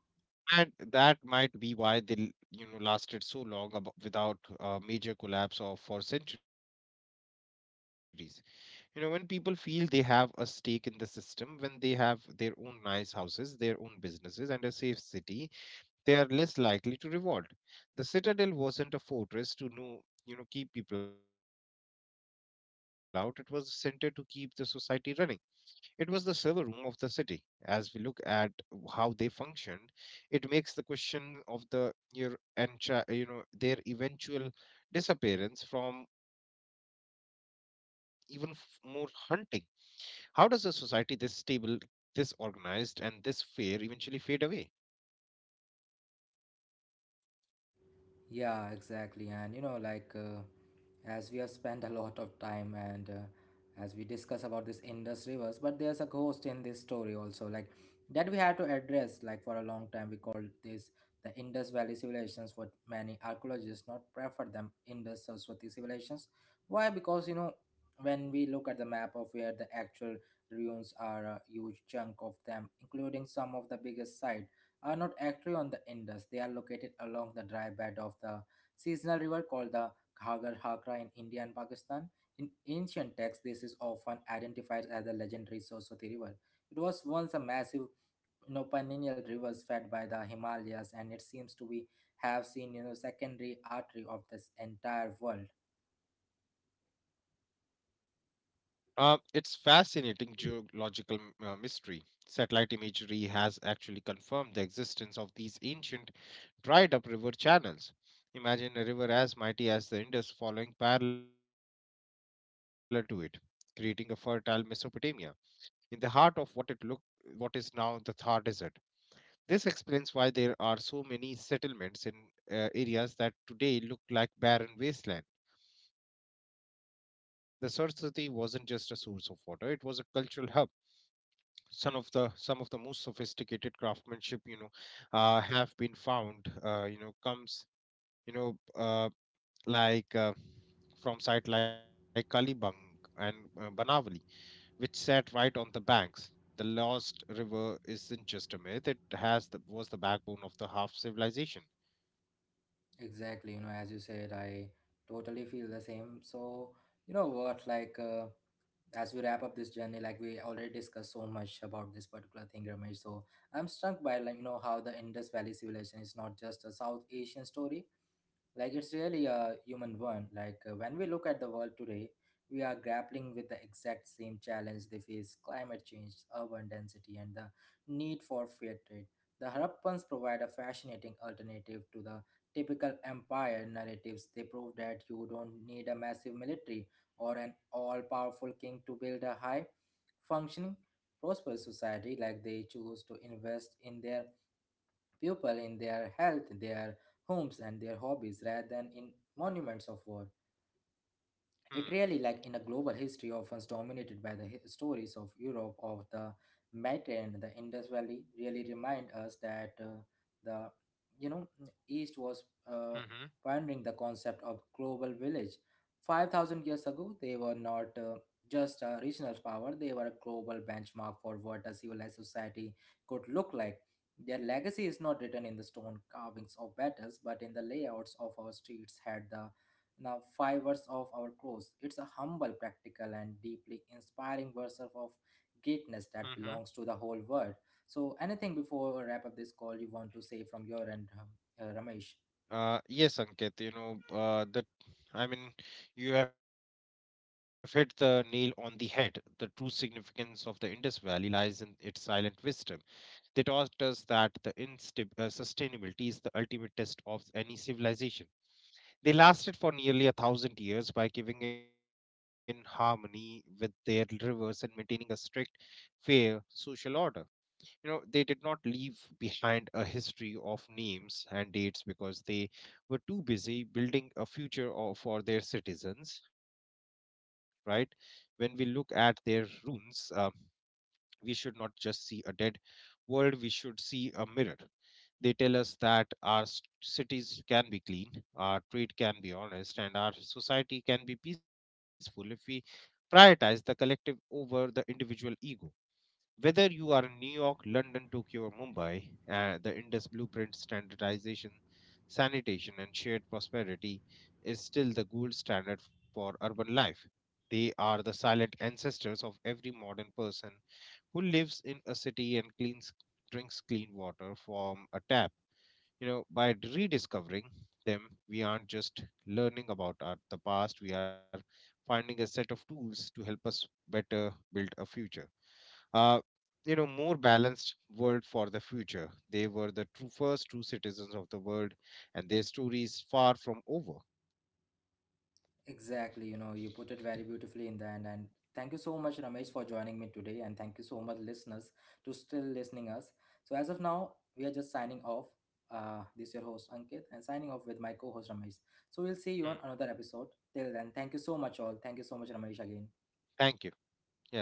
[SPEAKER 2] And that might be why they, lasted so long without a major collapse or for centuries. You know, when people feel they have a stake in the system, when they have their own nice houses, their own businesses, and a safe city, they are less likely to revolt. The citadel wasn't a fortress to know, you know, keep people out. It was a center to keep the society running. It was the server room of the city. As we look at how they functioned, it makes the question of the your entra- you know their eventual disappearance from even more hunting. How does a society this stable, this organized, and this fair eventually fade away?
[SPEAKER 1] Yeah, exactly. And you know, like. As we have spent a lot of time and as we discuss about this Indus rivers, but there's a ghost in this story also, like that we had to address. Like for a long time, we called this the Indus Valley civilizations. What many archaeologists not prefer them Indus Saraswati civilizations. Why? Because you know when we look at the map of where the actual ruins are, a huge chunk of them, including some of the biggest site, are not actually on the Indus. They are located along the dry bed of the seasonal river called the Ghagar Hakra in India and Pakistan. In ancient texts, this is often identified as the legendary Saraswati River. It was once a massive perennial river fed by the Himalayas, and it seems to be have seen secondary artery of this entire world.
[SPEAKER 2] It's fascinating geological mystery. Satellite imagery has actually confirmed the existence of these ancient dried up river channels. Imagine a river as mighty as the Indus following parallel to it, creating a fertile Mesopotamia in the heart of what it look what is now the Thar Desert. This explains why there are so many settlements in areas that today look like barren wasteland. The Saraswati wasn't just a source of water; it was a cultural hub. Some of the most sophisticated craftsmanship, you know, have been found. You know, comes you know, like From sites like Kalibang and Banavali, which sat right on the banks. The lost river isn't just a myth; was the backbone of the half civilization.
[SPEAKER 1] Exactly, you know, as you said, I totally feel the same. So, you know what, as we wrap up this journey, like we already discussed so much about this particular thing, Ramesh. So I'm struck by like you know how the Indus Valley civilization is not just a South Asian story, like it's really a human one. When we look at the world today, we are grappling with the exact same challenge they face: climate change, urban density, and the need for fair trade. The Harappans provide a fascinating alternative to the typical empire narratives. They prove that you don't need a massive military or an all powerful king to build a high functioning, prosperous society. Like they choose to invest in their people, in their health, their homes, and their hobbies rather than in monuments of war. It really, like in a global
[SPEAKER 2] Hmm.
[SPEAKER 1] history, often dominated by the stories of Europe, of the Met and the Indus Valley, really remind us that the you know East was uh, pioneering the concept of
[SPEAKER 2] Mm-hmm.
[SPEAKER 1] global village. 5,000 years ago, they were not just a regional power; they were a global benchmark for what a civilized society could look like. Their legacy is not written in the stone carvings of battles, but in the layouts of our streets. Had the now, five words of our close. It's a humble, practical, and deeply inspiring verse of greatness that belongs to the whole world.
[SPEAKER 2] Mm-hmm.
[SPEAKER 1] So, anything before we wrap up this call you want to say from your end, Ramesh?
[SPEAKER 2] Yes, Ankit, you know, I mean, you have hit the nail on the head. The true significance of the Indus Valley lies in its silent wisdom. They taught us that the instab sustainability is the ultimate test of any civilization. They lasted for nearly a 1,000 years by giving in harmony with their rivers and maintaining a strict, fair social order. You know, they did not leave behind a history of names and dates because they were too busy building a future for their citizens, right? When we look at their ruins, we should not just see a dead world, we should see a mirror. They tell us that our cities can be clean, our trade can be honest, and our society can be peaceful if we prioritize the collective over the individual ego. Whether you are in New York, London, Tokyo, or Mumbai, the Indus Blueprint standardization, sanitation, and shared prosperity is still the gold standard for urban life. They are the silent ancestors of every modern person who lives in a city and cleans drinks clean water from a tap. You know, by rediscovering them, we aren't just learning about the past. We are finding a set of tools to help us better build a future, uh, more balanced world for the future. They were the true, first true citizens of the world, and their story is far from over.
[SPEAKER 1] Exactly, you know, you put it very beautifully in the end. And thank you so much, Ramesh, for joining me today. And thank you so much, listeners, to still listening us. So, as of now, we are just signing off. This is your host, Ankit, and signing off with my co host, Ramesh. So, we'll see you on
[SPEAKER 2] Hmm.
[SPEAKER 1] another episode. Till then, thank you so much, all. Thank you so much, Ramesh, again.
[SPEAKER 2] Thank you. Yeah, thank you, Ankit.